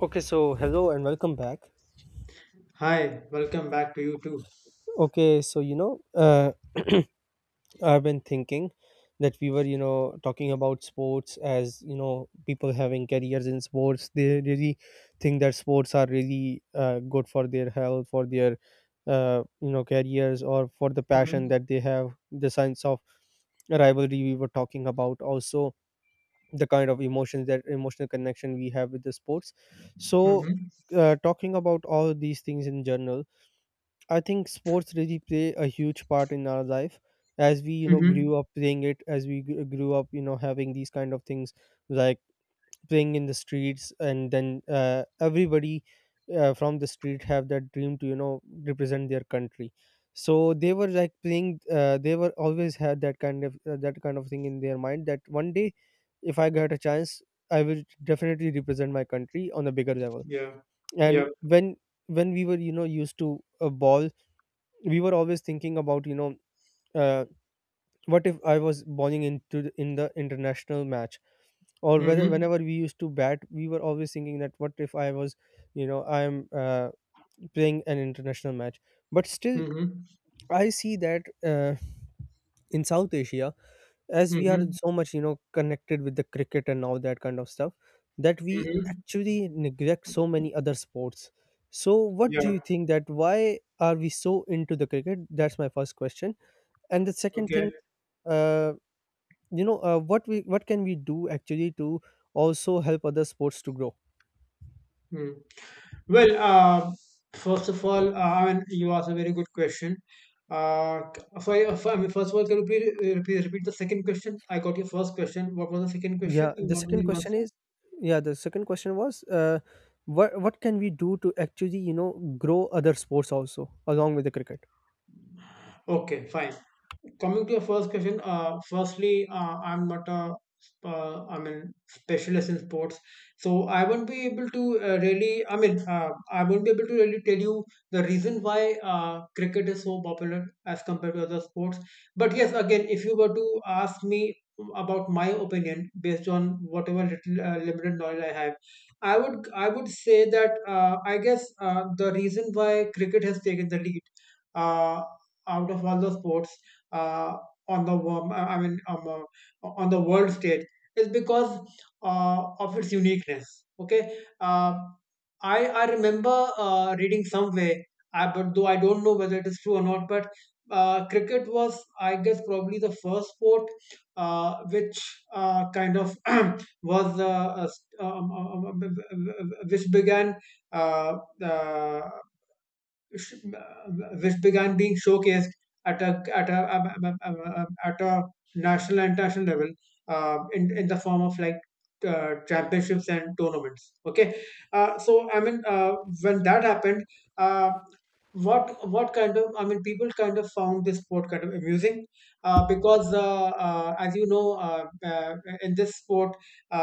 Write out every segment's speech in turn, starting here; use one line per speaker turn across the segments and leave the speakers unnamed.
Okay, so hello and welcome back.
Hi, welcome back to you too.
Okay, I've been thinking that we were, talking about sports. As you know, people having careers in sports, they really think that sports are really good for their health, for their careers, or for the passion
Mm-hmm.
that they have. The science of rivalry we were talking about, also the kind of emotions, that emotional connection we have with the sports. So,
Mm-hmm.
talking about all these things in general, I think sports really play a huge part in our life, as we
Mm-hmm.
grew up playing it, as we grew up having these kind of things like playing in the streets, and then everybody from the street have that dream to represent their country. So they were like playing, they were always had that kind of thing in their mind that one day if I get a chance, I will definitely represent my country on a bigger level.
Yeah.
And
Yeah.
when we were used to a ball, we were always thinking about, uh, what if I was bowling into in the international match. Or whether,
Mm-hmm.
whenever we used to bat, we were always thinking that, what if I was, you know I'm playing an international match. But still
Mm-hmm.
I see that in south asia, as we are
Mm-hmm.
so much connected with the cricket and all that kind of stuff, that we
Mm-hmm.
actually neglect so many other sports. So what do
Yeah.
you think, that why are we so into the cricket? That's my first question. And the second thing,
Okay.
uh, what can we do actually to also help other sports to grow?
Mm. Well, first of all, I mean, you asked a very good question. I mean, first of all, can you please repeat the second question? I got your first question. What was the second question
Yeah,
you
the
wanted
second
me to
question
answer?
is, yeah, the second question was, what can we do to actually grow other sports also along with the cricket?
Okay, fine. Coming to your first question, firstly, I'm not a I mean specialist in sports, so I won't be able to really, I mean, I won't be able to really tell you the reason why cricket is so popular as compared to other sports. But yes, again, if you were to ask me about my opinion based on whatever little limited knowledge I have, I would say that I guess the reason why cricket has taken the lead, uh, out of all the sports, uh, on the wo- I mean on the world stage, is because of its uniqueness. Okay. I remember reading somewhere, but though I don't know whether it is true or not, but cricket was, I guess, probably the first sport which kind of was s- which began uh, uh, sh- which began being showcased at a at a at a national and international level, in the form of like championships and tournaments. Okay. So I mean, when that happened, uh, what kind of, I mean, people kind of found this sport kind of amusing, because as you know, in this sport uh,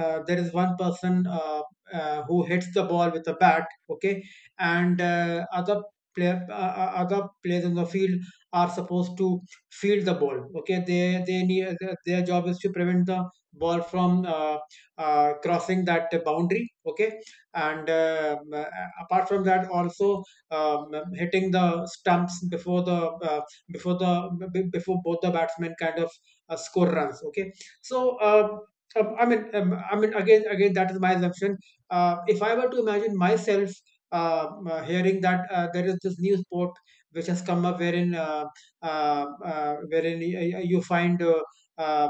there is one person who hits the ball with a bat. Okay, and player uh, other players in the field are supposed to field the ball. Okay, they need their job is to prevent the ball from crossing that boundary. Okay. And apart from that also, um, hitting the stumps before the uh, before the before both the batsmen kind of score runs. Okay. So I mean, again, that is my assumption. If I were to imagine myself hearing that there is this new sport which has come up, wherein wherein you find uh,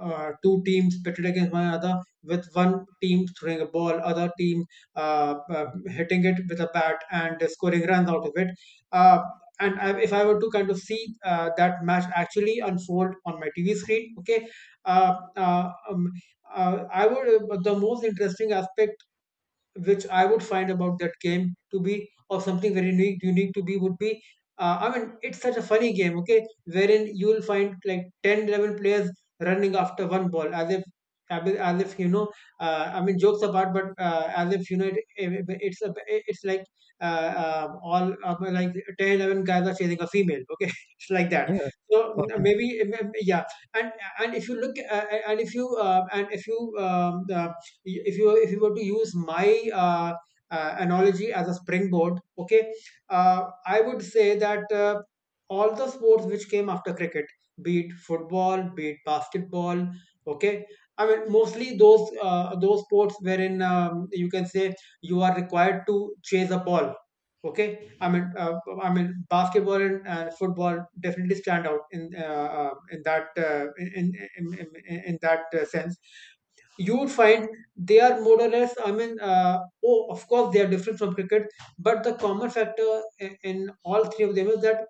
two teams pitted against one another, with one team throwing a ball, other team hitting it with a bat and scoring runs out of it, uh, and if I were to kind of see that match actually unfold on my TV screen. Okay, uh, uh, um, I would, the most interesting aspect which I would find about that game to be, or something very unique to be, would be I mean, it's such a funny game. Okay, wherein you will find like 10, 11 players running after one ball, as if, as if you know, I mean, jokes apart, but as if you know, it's like uh, all, like, 10, 11 guys are chasing a female, okay, it's like that.
Yeah,
So,
okay.
yeah. And and if you look, and if you if you, if you were to use my analogy as a springboard, okay, I would say that all the sports which came after cricket, be it football, be it basketball, okay, I mean mostly those, those sports wherein, you can say, you are required to chase a ball. Okay, I mean, basketball and football definitely stand out in that sense, you would find they are more or less, I mean, oh, of course they are different from cricket, but the common factor in all three of them is that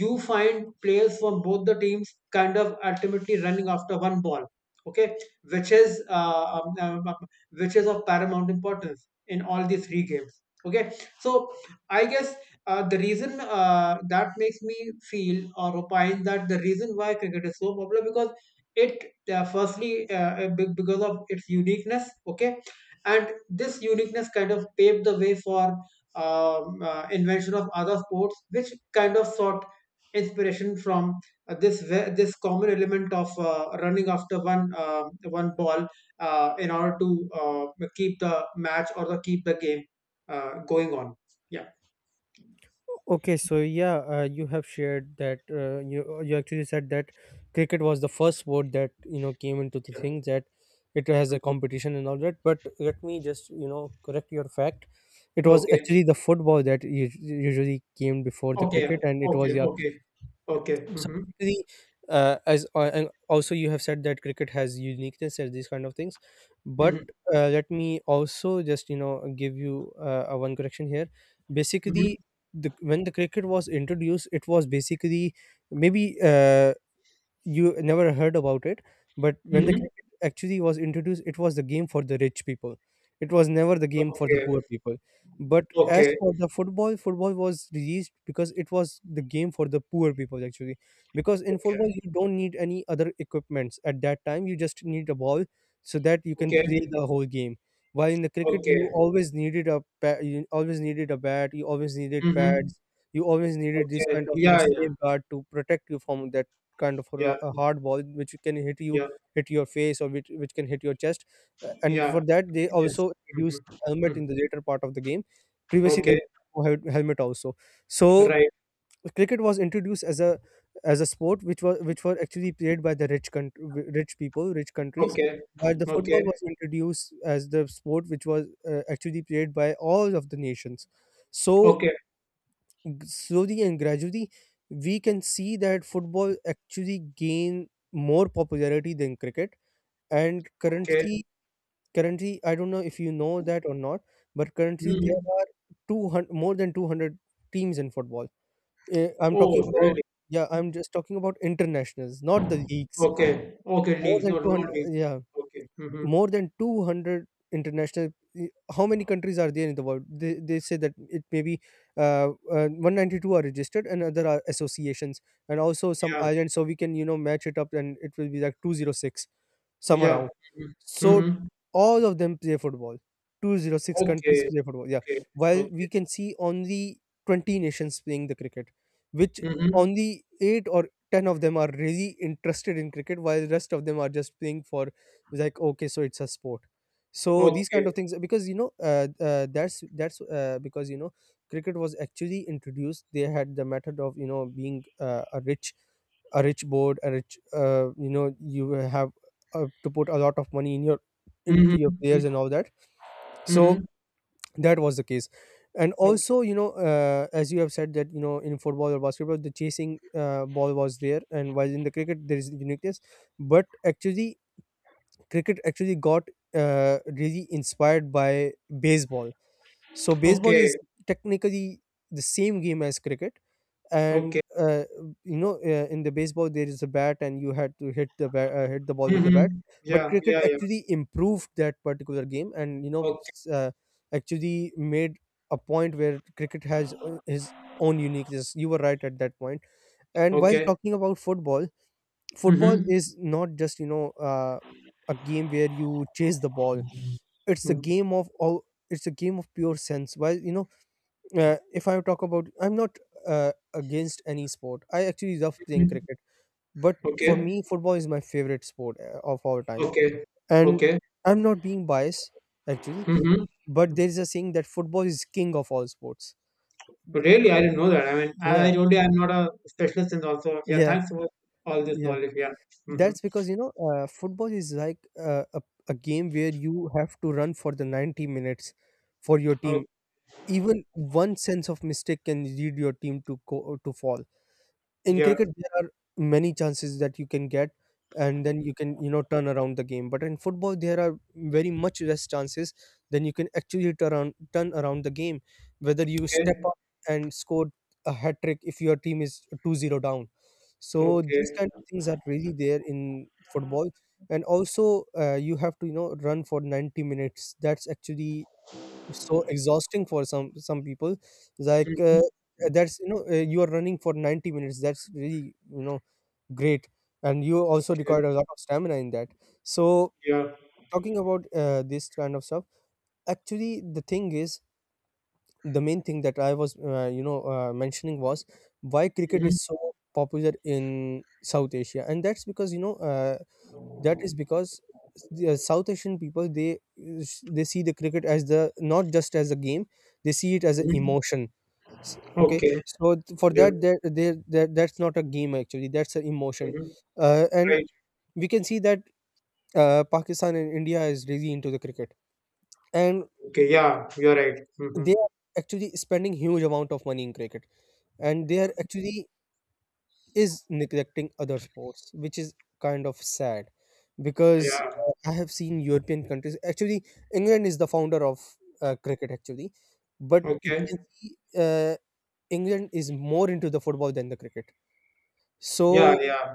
you find players from both the teams kind of ultimately running after one ball. Okay, which is uh, um, um, um, which is of paramount importance in all these three games. Okay, so I guess the reason that makes me feel or opine that the reason why cricket is so popular, because it, firstly because of its uniqueness. Okay, and this uniqueness kind of paved the way for invention of other sports which kind of sought inspiration from this common element of running after one one ball, in order to keep the match or the keep the game going on. Yeah,
Okay, so yeah, you have shared that, you actually said that cricket was the first sport that, you know, came into the
yeah.
thing, that it has a
Mhm.
competition and all that. But let me just, you know, correct your fact. It was
Okay,
actually the football that usually came before the
okay,
cricket, and it
okay,
was, yeah.
okay, okay.
So
Hmm,
basically, as and also you have said that cricket has uniqueness and these kind of things, but
hmm,
let me also just, you know, give you a one correction here. Basically, the when the cricket was introduced, it was basically, maybe, you never heard about it, but when the
hmm.
cricket actually was introduced, it was the game for the rich people. It was never the game for the
Okay.
poor people. But as
Okay,
for the football, football was released because it was the game for the poor people, actually, because in football
okay,
you don't need any other equipments at that time. You just need a ball, so that you can play
okay,
the whole game. While in the cricket, you
okay.
always needed a you always needed a bat, you always needed
Mm-hmm.
pads, you always needed this
Okay.
kind of, you know,
Yeah, yeah,
safeguard to protect you from that kind of a,
yeah,
a hard ball which can hit you,
yeah,
hit your face, or which can hit your chest. And
yeah.
for that, they
Makes sense.
also introduced
Mm-hmm.
helmet
Mm.
in the later part of the game. Previously there
Okay.
was no helmet also. So
Right.
cricket was introduced as a sport which was, which were actually played by the rich country, rich people, rich countries,
Okay.
while the
Okay.
football was introduced as the sport which was actually played by all of the nations. So
Okay.
slowly and gradually, we can see that football actually gain more popularity than cricket. And
Okay.
currently I don't know if you know that or not, but currently there
Mm-hmm.
are 200, more than 200 teams in football. Eh, I'm
Oh,
talking about,
really?
yeah, I'm just talking about internationals, not the leagues.
Okay. Okay.
More
Leagues.
than
Not
200,
leagues.
yeah,
Okay. Mm-hmm.
more than 200 international. Eh, how many countries are there in the world? They say that it may be 192 are registered and other are associations, and also some
Yeah.
islands, so we can, you know, match it up and it will be like 206 summer
Yeah.
round.
Mm-hmm.
So
Mm-hmm.
all of them play football. 206 countries
Okay.
play football, yeah.
Okay.
While
Okay.
we can see only 20 nations playing the cricket, which
Mm-hmm.
only 8 or 10 of them are really interested in cricket, while the rest of them are just playing for, like, okay, so it's a sport. So these
Okay.
kind of things, because you know, that's because you know, cricket was actually introduced. They had the method of, you know, being a rich, a rich board, a rich, you know, you have to put a lot of money in your, into your players
Mm-hmm.
and all that. So
Mm-hmm.
that was the case. And
Okay.
also, you know, as you have said that, you know, in football or basketball, the chasing ball was there, and while in the cricket there is uniqueness. But actually cricket actually got really inspired by baseball. So baseball is
Okay.
technically the same game as cricket. And
Okay.
You know, in the baseball there is a bat and you had to hit hit the ball with the bat.
Mm-hmm.
But
Yeah.
cricket
Yeah. Yeah.
actually improved that particular game and, you know,
Okay.
actually made a point where cricket has his own uniqueness. You were right at that point. And while
Okay.
talking about football, football
Mm-hmm.
is not just, you know, a game where you chase the ball. It's a game of all. It's a game of pure sense. While, you know, if I talk about, I'm not against any sport. I actually love playing cricket, but for
Okay.
me, football is my favorite sport of all time.
Okay.
And
Okay.
I'm not being biased, actually,
Mm-hmm.
but there is a saying that football is king of all sports.
Really, I didn't know that. I mean, I
Yeah,
told you I'm not a specialist in also. Yeah,
yeah,
thanks for all this
yeah.
knowledge. Yeah. Mm-hmm.
That's because, you know, football is like a game where you have to run for the 90 minutes for your team.
Okay.
Even one sense of mistake can lead your team to go to fall. In
Yeah.
cricket there are many chances that you can get, and then you can, you know, turn around the game. But in football there are very much less chances then you can actually turn around the game, whether you step
Okay.
up and score a hat trick if your team is 2-0 down. So these
Okay.
kind of things are really there in football. And also you have to, you know, run for 90 minutes. That's actually, it's so exhausting for some people. It's like
Mhm.
that's, you know, you are running for 90 minutes. That's really, you know, great. And you also
Okay.
require a lot of stamina in that. So
Yeah.
talking about this kind of stuff, actually the thing is, the main thing that I was, mentioning was, why cricket
Mm-hmm.
is so popular in south asia. And that's because, you know, that is because the South Asian people, they see the cricket as the not just as a game, they see it as an
Mm-hmm.
emotion. Okay,
Okay.
so for
Yeah.
that, there that that's not a game actually. That's an emotion.
Mm-hmm.
And
Right.
we can see that Pakistan and India is really into the cricket, and
Okay. Yeah. You're right. Mm-hmm.
they are actually spending huge amount of money in cricket, and they are actually is neglecting other sports, which is kind of sad, because
Yeah.
I have seen European countries. Actually, England is the founder of cricket, actually, but you can
Okay.
see England is more into the football than the cricket.
Yeah.
So
Yeah.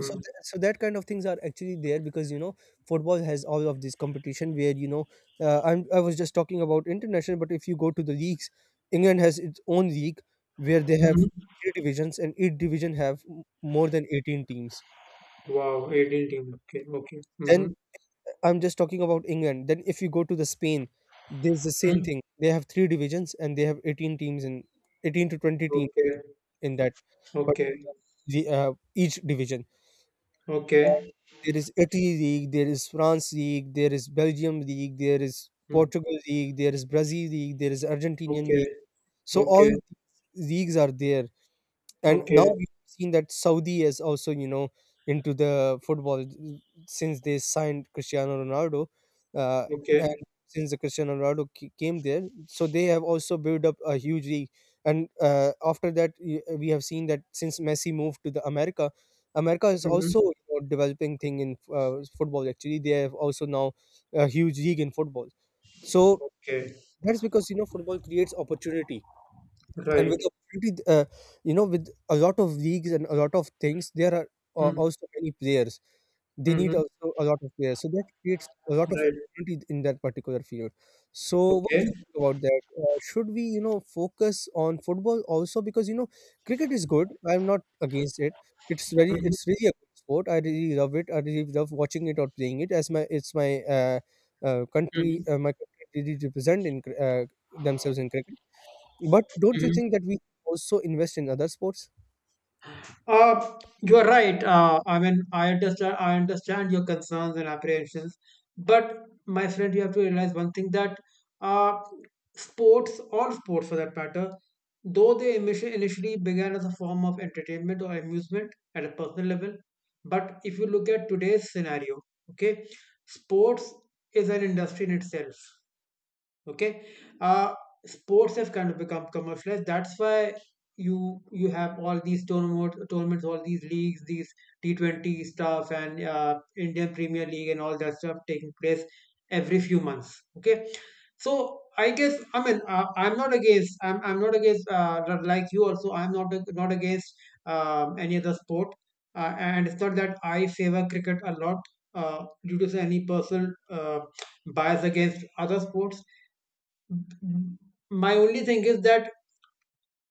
so that kind of things are actually there, because you know football has all of this competition, where you know I was just talking about international. But if you go to the leagues, england has its own league where they have
Mm-hmm.
three divisions, and each division have more than 18 teams.
Wow. 18 team. Okay. Okay.
Then
Mm-hmm.
I'm just talking about england. Then if you go to the spain, there's the same
Mm-hmm.
thing. They have three divisions and they have 18 teams in, 18 to 20 teams
Okay.
in that. But
Okay.
the each division,
Okay.
there is Italy league, there is France league, there is Belgium league, there is
Mm.
Portugal league, there is Brazil league, there is Argentinian
Okay,
league. So all
okay,
of these leagues are there. And now
okay,
we've seen that Saudi is also, you know, into the football since they signed Cristiano Ronaldo. uh, and
okay.
since the Cristiano Ronaldo came there, so they have also built up a huge league. And after that, we have seen that since Messi moved to the America, America is
Mm-hmm.
also developing thing in football. Actually, they have also now a huge league in football. So
Okay,
that's because football creates opportunity, and with
right.
opportunity, with a lot of leagues and a lot of things, there are
Mm-hmm.
also many players. They need
Mm-hmm.
also a lot of players, so that creates a lot of
Right.
opportunity in that particular field. So, what do
Okay.
you think about that? Should we, focus on football also? Because cricket is good. I'm not against it. It's very,
Mm-hmm.
it's really a good sport. I really love it. I really love watching it or playing it. It's my country, my country really represent themselves in cricket. But don't you
Mm-hmm.
think that we also invest in other sports?
You are right. I mean, I understand. I understand your concerns and apprehensions, but my friend, you have to realize one thing, that uh, sports, all sports for that matter, though they initially began as a form of entertainment or amusement at a personal level, but if you look at today's scenario, okay, sports is an industry in itself. Okay. uh Sports have kind of become commercialized. That's why you have all these tournaments, all these leagues, these T20 stuff, and Indian Premier League and all that stuff taking place every few months. Okay, so I guess, I mean, I'm not against, like you, also I'm not against any other sport, and it's not that I favor cricket a lot due to any personal bias against other sports. Mm-hmm. My only thing is that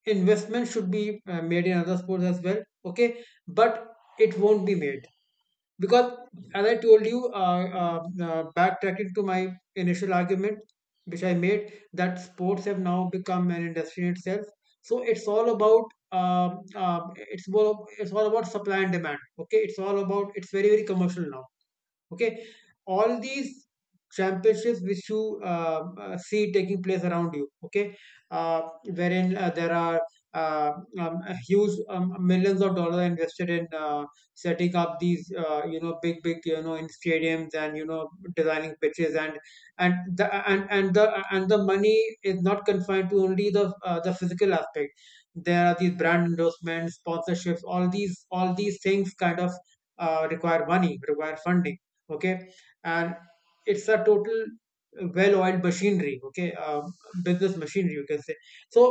investment should be made in other sports as well. Okay, but it won't be made because, as I told you, backtracking to my initial argument, which I made, that sports have now become an industry in itself, so it's all about it's all about supply and demand. Okay, it's all about, it's very, very commercial now. Okay, all these championships which you see taking place around you, okay, uh, wherein there are uh, um, huge, millions of dollars invested in setting up these, you know, big big, you know, in stadiums, and, you know, designing pitches. And the money is not confined to only the, the physical aspect. There are these brand endorsements, sponsorships, all these, all these things kind of require money, require funding. Okay. And it's a total well-oiled machinery. Okay, business machinery, you can say. So,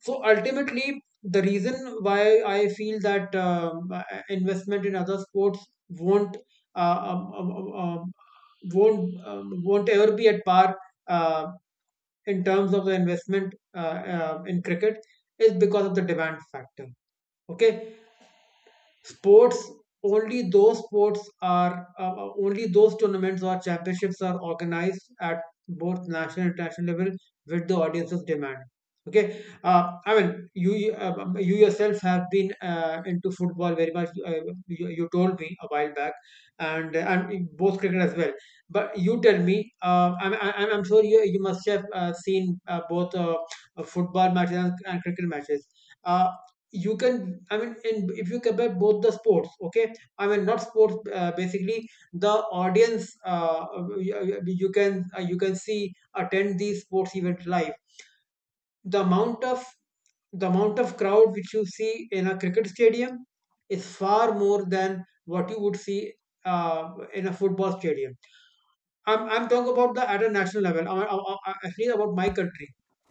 so ultimately, the reason why I feel that investment in other sports won't uh, um, um, um, um, won't ever be at par uh, in terms of the investment, in cricket, is because of the demand factor. Okay. Sports, only those sports are only those tournaments or championships are organized at both national and international level with the audience's demand. Okay, I mean, you yourself have been into football very much. You told me a while back, and in both cricket as well. But you tell me, I'm sure you must have seen both, football matches and cricket matches. Uh, you can, I mean, and if you compare both the sports, okay, I mean, not sports, basically the audience, you can, you can see, attend these sports event live. the amount of the amount of crowd which you see in a cricket stadium is far more than what you would see in a football stadium. I'm talking about the at a national level. I feel about my country,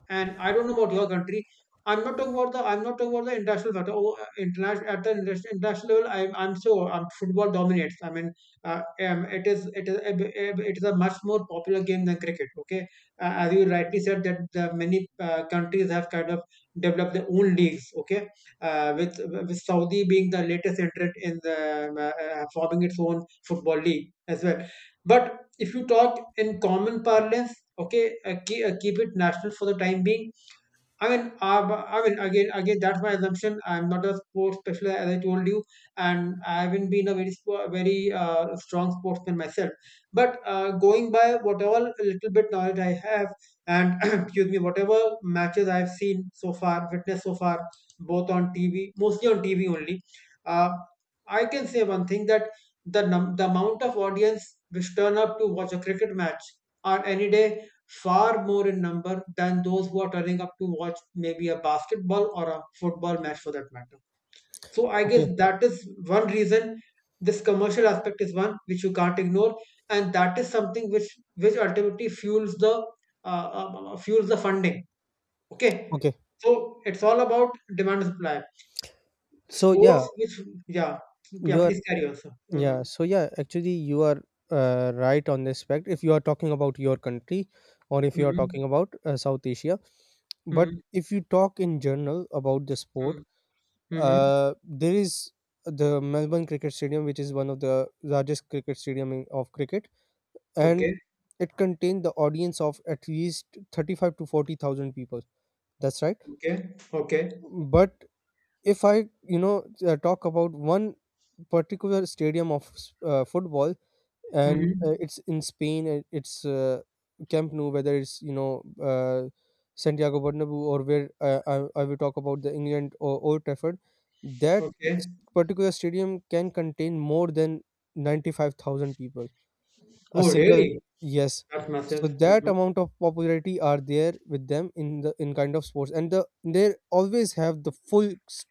and I don't know about your country. I'm not talking about the international factor. Oh, international at the interna- international level, I'm sure football dominates. I mean, uh, it is a b- it is a much more popular game than cricket. Okay, as you rightly said that the many countries have kind of developed their own leagues. Okay, uh, with with Saudi being the latest entrant in the forming its own football league as well. But if you talk in common parlance, okay, keep it national for the time being. I mean, I mean, again, that's my assumption. I'm not a sports specialist, as I told you, and I haven't been a very, spo- very strong sportsman myself. But going by whatever little bit knowledge I have, and excuse me, whatever matches I've seen so far, witnessed so far, both on TV, mostly on TV only, uh, I can say one thing that the amount of audience which turn up to watch a cricket match on any day far more in number than those who are turning up to watch maybe a basketball or a football match for that matter. So I
Okay,
guess that is one reason this commercial aspect is one which you can't ignore, and that is something which ultimately fuels the funding. Okay,
okay.
so it's all about demand and supply.
So
Sports,
yeah,
which yeah, yeah,
you are
please carry on, sir.
yeah.
Mm-hmm.
So yeah, actually you are right on this fact. If you are talking about your country, or if you are
Mm-hmm.
talking about South Asia, but
Mm-hmm.
if you talk in general about the sport,
Mm-hmm. Mm-hmm.
there is the Melbourne Cricket Stadium, which is one of the largest cricket stadium of cricket, and
Okay.
it contained the audience of at least 35 to 40,000 people. That's right.
Okay. Okay.
But if I, talk about one particular stadium of football, and
Mm-hmm.
it's in Spain, it's Camp Nou, whether it's, Santiago Bernabeu, or where I will talk about the England or Old Trafford, that
Okay.
s- particular stadium can contain more than 95,000 people a
Oh,
single
really?
yes.
That's
So
massive.
that
Hmm.
amount of popularity are there with them in the in kind of sports, and they always have the full s-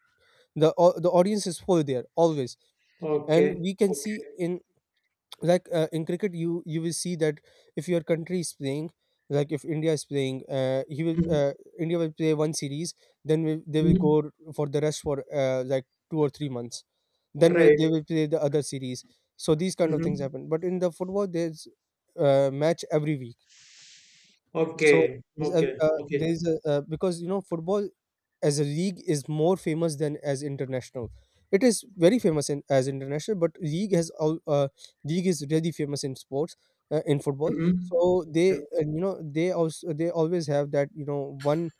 the au- the audience is full there always. And
Okay.
we can
Okay.
see in, in cricket, you will see that if your country is playing, like if India is playing, he will
Mhm.
india will play one series, then will they will
Mhm.
go for the rest for, like, 2 or 3 months, then will they
Right.
will play the other series. So these kind of things
Hmm.
happen, but in the football there's match every week. So
Okay. Okay. Okay.
because football as a league is more famous than as international. It is very famous as international, but league has all league is really famous in sports, in football.
Hmm.
So
Yep.
they always have that,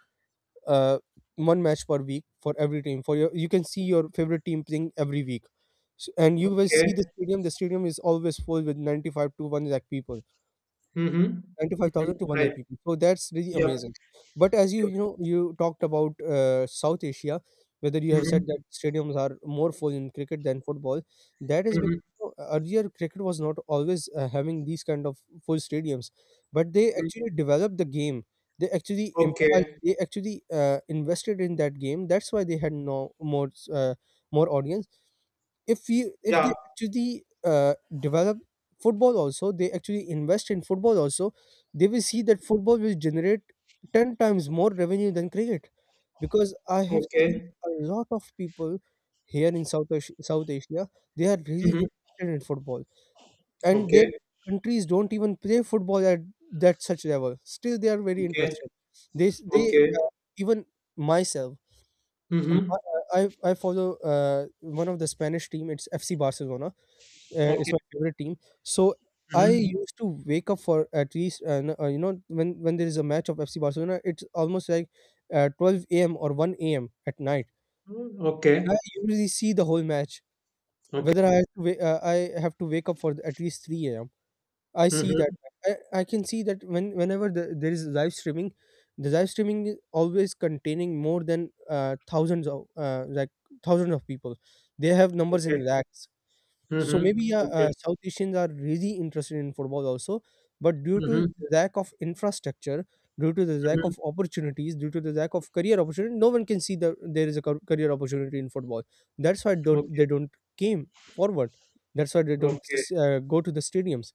uh, one match per week for every team. For your you can see your favorite team playing every week, S and you will see
Okay.
the stadium. The stadium is always full with 95 to one lakh people,
Hmm. Hmm.
95,000 to 1 lakh
Right.
people. So that's really
Yep.
amazing. But as you
Yep.
you know you talked about South Asia, whether you have said
Hmm.
that stadiums are more full in cricket than football, that is because
Hmm.
earlier cricket was not always having these kind of full stadiums, but they
Hmm.
actually developed the game. They actually improvised.
Okay.
They actually invested in that game. That's why they had more uh, more audience. If you if
Yeah.
they actually develop football also, they actually invest in football also, they will see that football will generate 10 times more revenue than cricket, because I have seen
Okay.
a lot of people here in South Asia. They are really
Hmm.
interested in football, and their
Okay.
countries don't even play football at that such level. Still they are very
Okay.
interested. They
Okay.
uh, even myself, um,
Hmm.
I I I follow uh, one of the Spanish team. It's FC Barcelona. It's
Okay.
my favorite team. So I
Hmm.
used to wake up for at least when there is a match of FC Barcelona, it's almost like 12 a.m. or 1 a.m. at night, and I
Okay.
usually see the whole match.
Okay.
Whether I I have to wake up for at least 3 a.m., I see that.
Hmm.
I can see that whenever there is live streaming, the live streaming is always containing more than thousands of, thousands of people. They have numbers
Okay.
in lakhs. So
Hmm.
maybe yeah,
Okay.
South Asians are really interested in football also, but due to
Hmm.
the lack of infrastructure, due to the lack
Hmm.
of opportunities, due to the lack of career opportunity, no one can see that there is a career opportunity in football. That's why don't,
Okay.
they don't came forward. That's why they don't
Okay.
go to the stadiums.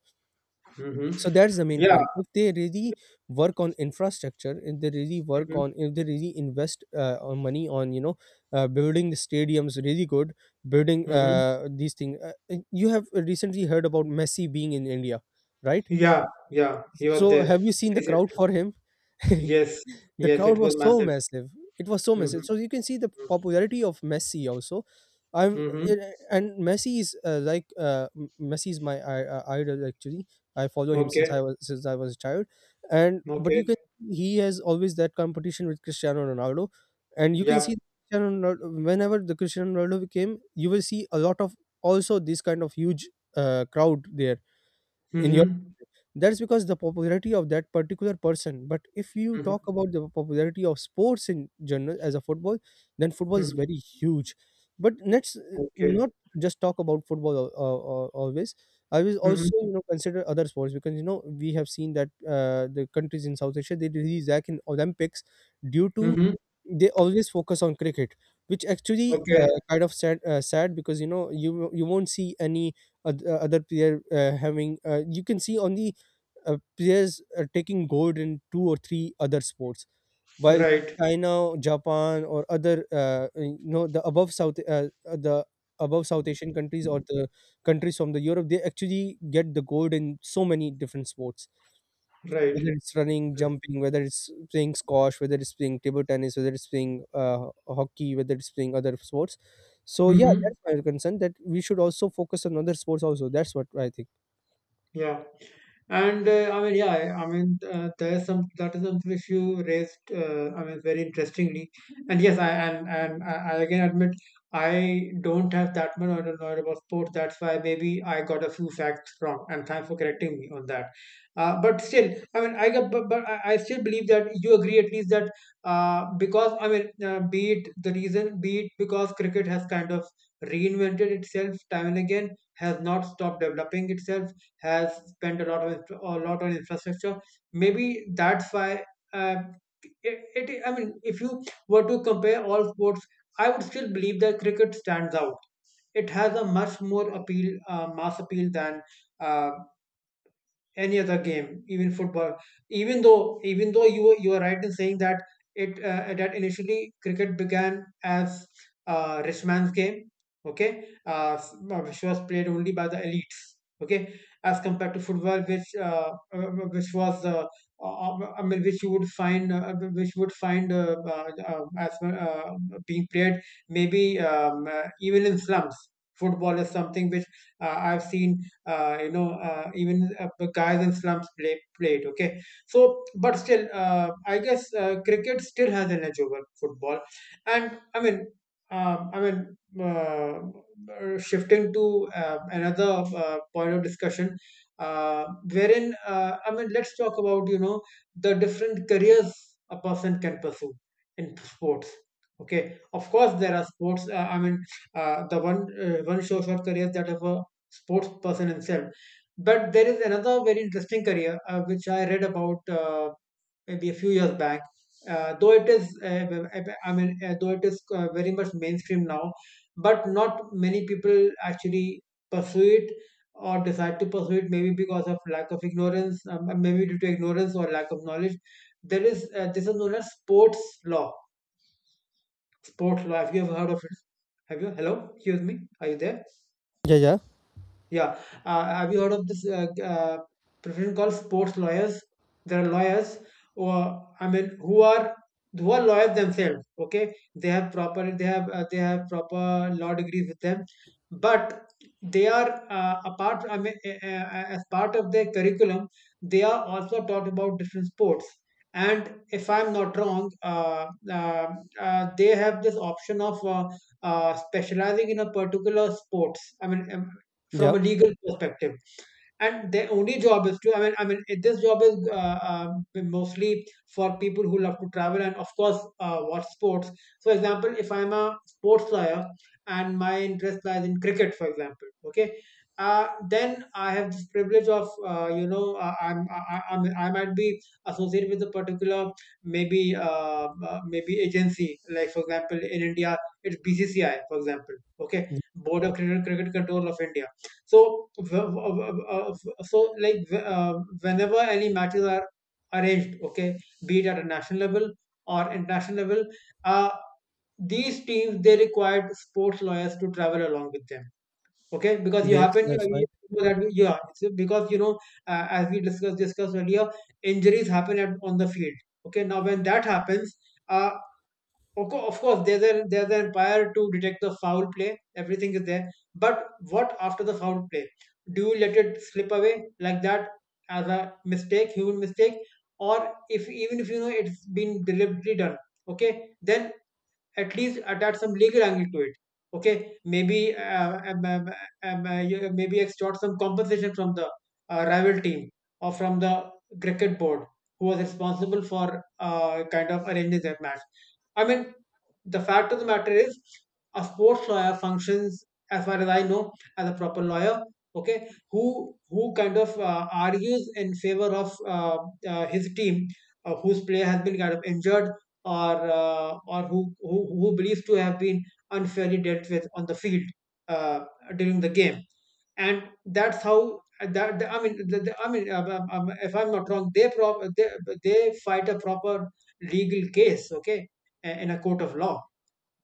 Hmm.
So that's the main
Yeah.
point. If they really work on infrastructure, if they really work
Hmm.
on, if they really invest on money on, building the stadiums really good, building
Hmm.
these things. You have recently heard about Messi being in India, right?
Yeah. Yeah. He was
So
there.
have you seen the crowd
Basically.
for him?
Yes.
The
Yes.
crowd
It was
was so
massive.
massive. It was so massive.
Mm-hmm.
So you can see the popularity of Messi also. I'm
Mm-hmm.
it- and Messi is, like, Messi is my idol, actually. I follow him since
Okay.
I was since I was a child, and but you
Okay.
can he has always that competition with Cristiano Ronaldo, and you can
Yeah.
see Cristiano Ronaldo, whenever the Cristiano Ronaldo came, you will see a lot of also this kind of huge crowd there in your
Mm-hmm.
that's because the popularity of that particular person. But if you
Mm-hmm.
talk about the popularity of sports in general as a football, then football is
Hmm.
very huge. But let's
Okay.
not just talk about football always. I will
Mm-hmm.
also, consider other sports, because we have seen that the countries in South Asia, they release Zach in Olympics due to,
Mm-hmm.
they always focus on cricket, which actually
Okay.
kind of sad, sad, because you won't see any other player having, you can see only players taking gold in two or three other sports, while
Right.
China, Japan, or other, the above south, the above South Asian countries, or the countries from the Europe, they actually get the gold in so many different sports,
Right.
whether it's running,
Right.
jumping, whether it's playing squash, whether it's playing table tennis, whether it's playing hockey, whether it's playing other sports. So yeah,
Mm-hmm.
that's my concern, that we should also focus on other sports also. That's what I think.
Yeah. And I mean, yeah, I mean, there's some that is something which you raised. I mean, very interestingly, and yes, I again admit I don't have that much knowledge about sports. That's why maybe I got a few facts wrong, and thanks for correcting me on that. But still, I mean, I get- but I still believe that you agree at least that because I mean, be it the reason, be it because cricket has kind of reinvented itself time and again, has not stopped developing itself has spent a a lot on infrastructure. Maybe that's why uh, it, it. I mean, if you were to compare all sports, I would still believe that cricket stands out. It has a much more appeal, mass appeal than uh, any other game, even football. Even though you are right in saying that it that initially cricket began as a rich man's game, okay, which was played only by the elites, okay, as compared to football, which was I mean, which you would find which would find as uh, being played maybe even in slums. Football is something which I've seen you know even the guys in slums play it. Okay, so but still I guess cricket still has an edge over football, and I mean I mean shifting to another point of discussion, uh, wherein I mean let's talk about you know the different careers a person can pursue in sports. Okay, of course there are sports I mean the one one shows your careers that have a sports person himself. But there is another very interesting career which I read about maybe a few years back. Though it is, I mean, though it is very much mainstream now, but not many people actually pursue it or decide to pursue it. Maybe because of lack of ignorance, maybe due to ignorance or lack of knowledge. There is this is known as sports law. Sports law. Have you ever heard of it? Have you? Hello, excuse me. Are you there?
Yeah, yeah,
Yeah. Have you heard of this profession called sports lawyers? There are lawyers or I mean, who are lawyers themselves. Okay, they have proper law degrees with them, but they are apart. I mean, as part of their curriculum, they are also taught about different sports. And if I'm not wrong, uh, they have this option of specializing in a particular sports. I mean, from
yeah.
a legal perspective, and their only job is to this job is mostly for people who love to travel and of course watch sports. For example, if I'm a sports lawyer and my interest lies in cricket, for example, okay, uh, then I have this privilege of you know I'm I might be associated with a particular maybe maybe agency, like for example in India, it's BCCI, for example. Okay,
y-
board of cricket, cricket control of India. So, so like uh, whenever any matches are arranged, okay, be it at a national level or international level, uh, these teams they required sports lawyers to travel along with them. Okay, because
Yes, that's
you
right.
know that yeah, it's because you know as we discussed earlier, injuries happen on the field. Okay, now when that happens. Uh, of course, there's an umpire to detect the foul play. Everything is there. But what after the foul play? Do you let it slip away like that as a mistake, human mistake, or if even if you know it's been deliberately done, okay, then at least attach some legal angle to it. Okay, maybe maybe extort some compensation from the rival team or from the cricket board who was responsible for kind of arranging that match. I mean, the fact of the matter is, a sports lawyer functions, as far as I know, as a proper lawyer. Okay, who kind of argues in favor of his team, whose player has been kind of injured, or who believes to have been unfairly dealt with on the field uh, during the game, and that's how I mean I mean if I'm not wrong, they fight a proper legal case. Okay, in a court of law,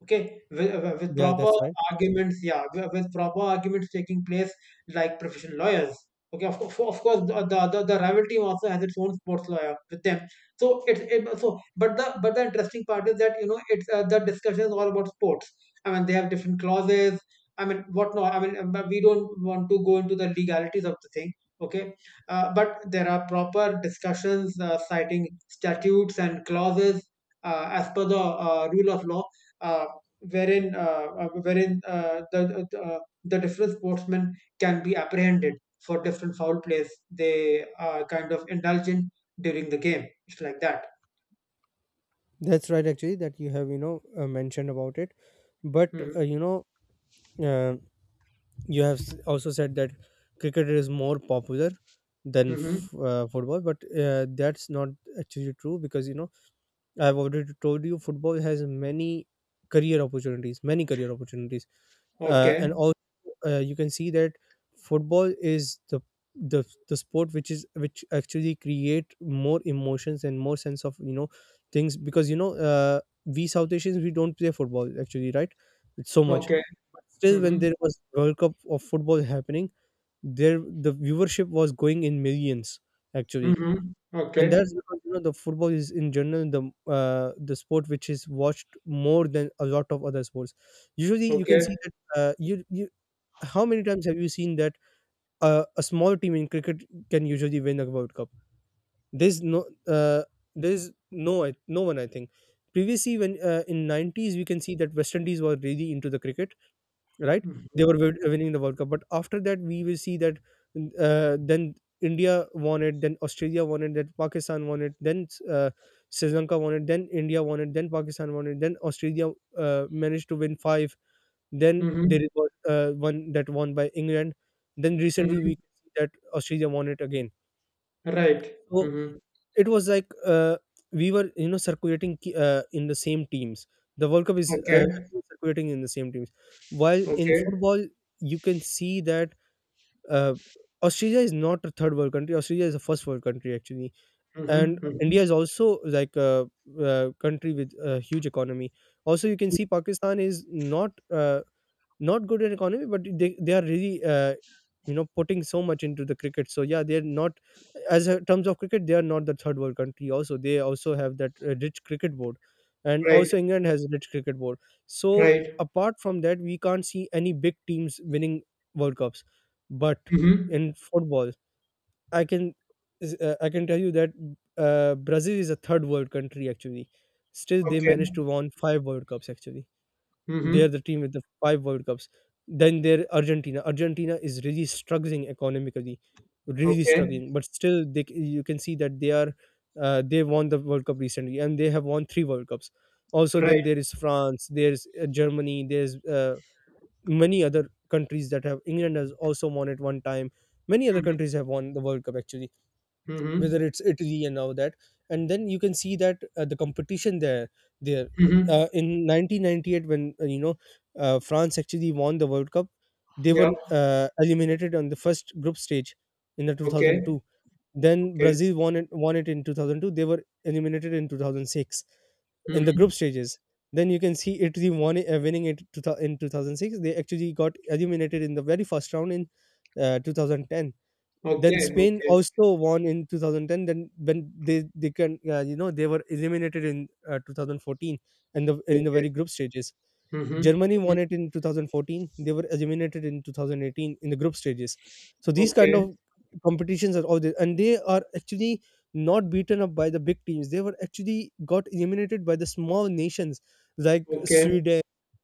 okay, with
Yeah,
proper
that's right.
arguments, yeah, with proper arguments taking place like professional lawyers. Okay, of course the rival team also has its own sports lawyer with them, so so but the interesting part is that you know it's the discussion is all about sports. I mean they have different clauses, I mean what not, I mean but we don't want to go into the legalities of the thing. Okay, but there are proper discussions citing statutes and clauses as per the rule of law, uh, wherein the different sportsmen can be apprehended for different foul plays they are kind of indulge in during the game. It's like that.
That's right, actually, that you have, mentioned about it. But,
Hmm.
uh, you have also said that cricket is more popular than
Hmm.
football, but that's not actually true, because, I've already told you, football has many career opportunities, many career opportunities. uh,
Okay.
and also, you can see that football is the sport which is which actually create more emotions and more sense of, things, because we South Asians, we don't play football, actually, right? It's so much.
Okay.
But still, when
Hmm.
there was World Cup of football happening there, the viewership was going in millions, actually.
Hmm.
And that's
Okay.
because, the football is in general the sport which is watched more than a lot of other sports. Usually you can
Okay.
see that, you, you how many times have you seen that a small team in cricket can usually win a World Cup? There's no, uh, there's no, no one I think. Previously, when in 90s we can see that West Indies were really into the cricket, right? They
Hmm.
were winning the World Cup, but after that we will see that, then India won it, then Australia won it, then Pakistan won it, then Sri Lanka won it, then India won it, then Pakistan won it, then Australia managed to win five. Then
Hmm.
there was one that won by England. Then recently
Hmm.
we can see that Australia won it again.
Right.
So
Hmm.
it was like, we were, circulating, in the same teams. The World Cup is
Okay.
actually circulating in the same teams. While in
Okay.
football, you can see that, uh, Australia is not a third world country. Australia is a first world country, actually, and
Hmm. Hmm.
India is also like a country with a huge economy. Also, you can see Pakistan is not not good in economy, but they are really putting so much into the cricket. So yeah, they're not as a terms of cricket, they are not the third world country. Also they also have that rich cricket board, and
Right.
also england has a rich cricket board, so
Right.
apart from that we can't see any big teams winning world cups. But
Hmm.
in football, i can I can tell you that brazil is a third world country actually. Still they
Okay.
managed to won five world cups actually.
Hmm.
They're the team with the five World Cups. Then there Argentina. Argentina is really struggling economically, really
Okay.
struggling. But still, you can see that they are they won the World Cup recently, and they have won three World Cups. Also, then
Right.
there is France. There's Germany. There's many other countries that have England has also won it one time. Many other
Hmm.
countries have won the World Cup actually,
Hmm.
whether it's Italy and all that. And then you can see that the competition there
Hmm.
in 1998 when France actually won the World Cup, they
Yeah.
were eliminated on the first group stage in the
Okay,
2002. Then
okay.
Brazil won it in 2002. They were eliminated in 2006 in the
Mm-hmm.
group stages. Then you can see Italy won it, winning it two thou- in 2006. They actually got eliminated in the very first round in 2010. Then
Okay,
Spain
okay,
also won in 2010. Then when they can they were eliminated in 2014, and the in the
okay.
very group stages.
Mm-hmm.
Germany
Mm-hmm.
won it in 2014. They were eliminated in 2018 in the group stages. So these kind
Okay,
of competitions are all there, and they are actually not beaten up by the big teams. They were actually got eliminated by the small nations like
okay,
Sweden,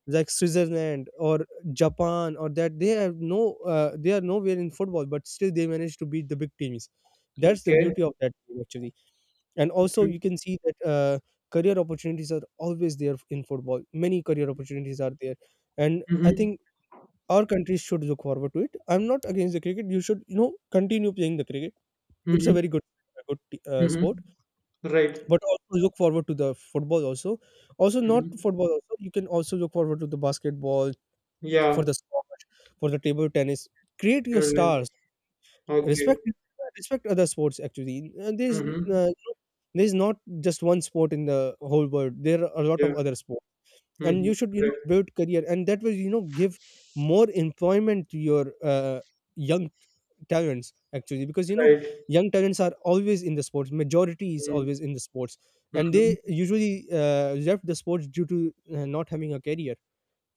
like Switzerland, or Japan, or that they have no, they are nowhere in football, but still they managed to beat the big teams. That's the
okay.
beauty of that game, actually. And also
Mm-hmm.
you can see that career opportunities are always there in football, many career opportunities are there. And I
Mm-hmm.
think our country should look forward to it. I'm not against the cricket, you should you know continue playing the cricket. It's
Mm-hmm.
a very good sport,
Mm-hmm. Right.
but also look forward to the football also. Also not
Mm-hmm.
football also, you can also look forward to the basketball,
Yeah,
for the squash, for the table tennis. Create your
you're right.
stars,
Okay.
respect respect other sports actually.
Mm-hmm.
Uh, there's not just one sport in the whole world, there are a lot of
Yeah.
other sports, and
Mm-hmm.
you should you
Right.
know build career, and that will you know give more employment to your young talents actually, because you know
Right.
young talents are always in the sports, majority is
Mm-hmm.
always in the sports. And they
Mm-hmm.
usually left the sports due to not having a career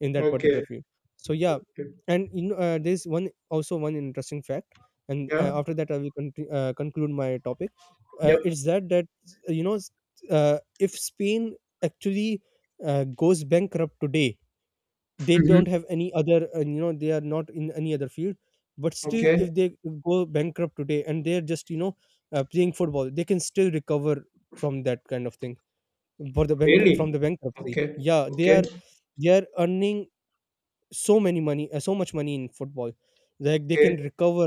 in that
Okay.
particular field. So yeah.
Okay.
And you know, there's one also one interesting fact, and
Yeah.
after that i will conclude my topic.
Yep.
It's that you know if spain actually goes bankrupt today, they
Mm-hmm.
don't have any other they are not in any other field. But still
Okay.
if they go bankrupt today and they're just you know playing football, they can still recover from that kind of thing, for the bank,
Really?
from the bankruptcy.
Okay.
Yeah, they
Okay.
are, they are earning so many money, so much money in football, like they
Okay.
can recover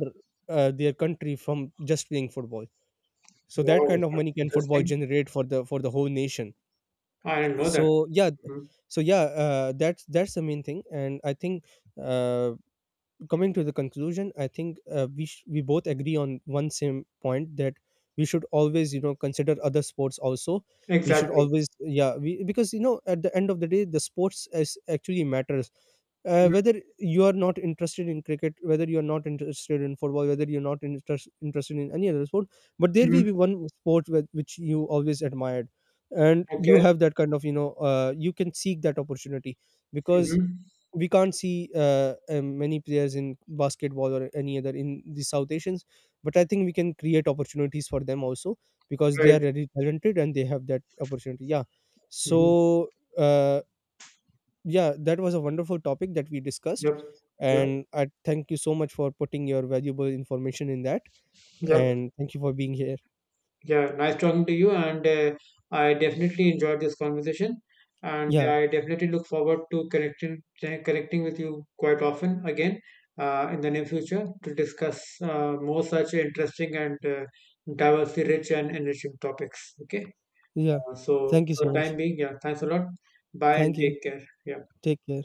their country from just playing football. So that
Wow,
kind of
that's
money can football
interesting.
generate for the whole nation.
I didn't know that.
So yeah.
Mhm.
So yeah, that's the main thing. And I think uh, coming to the conclusion, I think we both agree on one same point that we should always you know consider other sports also. We should
Exactly.
always, yeah we, because you know at the end of the day the sports is actually matters, whether you are not interested in cricket, whether you are not interested in football, whether you're not interested in any other sport, but there will
Mhm.
be one sport which you always admired, and you
Okay.
have that kind of you know you can seek that opportunity. Because
Hmm.
we can't see many players in basketball or any other in the South Asians, but I think we can create opportunities for them also because they are
Right.
very talented and they have that opportunity. Yeah,
Hmm.
so. Uh, yeah, that was a wonderful topic that we discussed,
Yep. Yep.
and I thank you so much for putting your valuable information in that,
Yep.
and thank you for being here.
Yeah. Nice talking to you, and I definitely enjoyed this conversation, and
yeah
I definitely look forward to connecting with you quite often again in the near future to discuss more such interesting and diversity rich and enriching topics. Okay.
yeah
So
Thank you
for the
so
time
much.
being, yeah. Thanks a lot. Bye and
Thank you.
take care. Yeah.
Take care.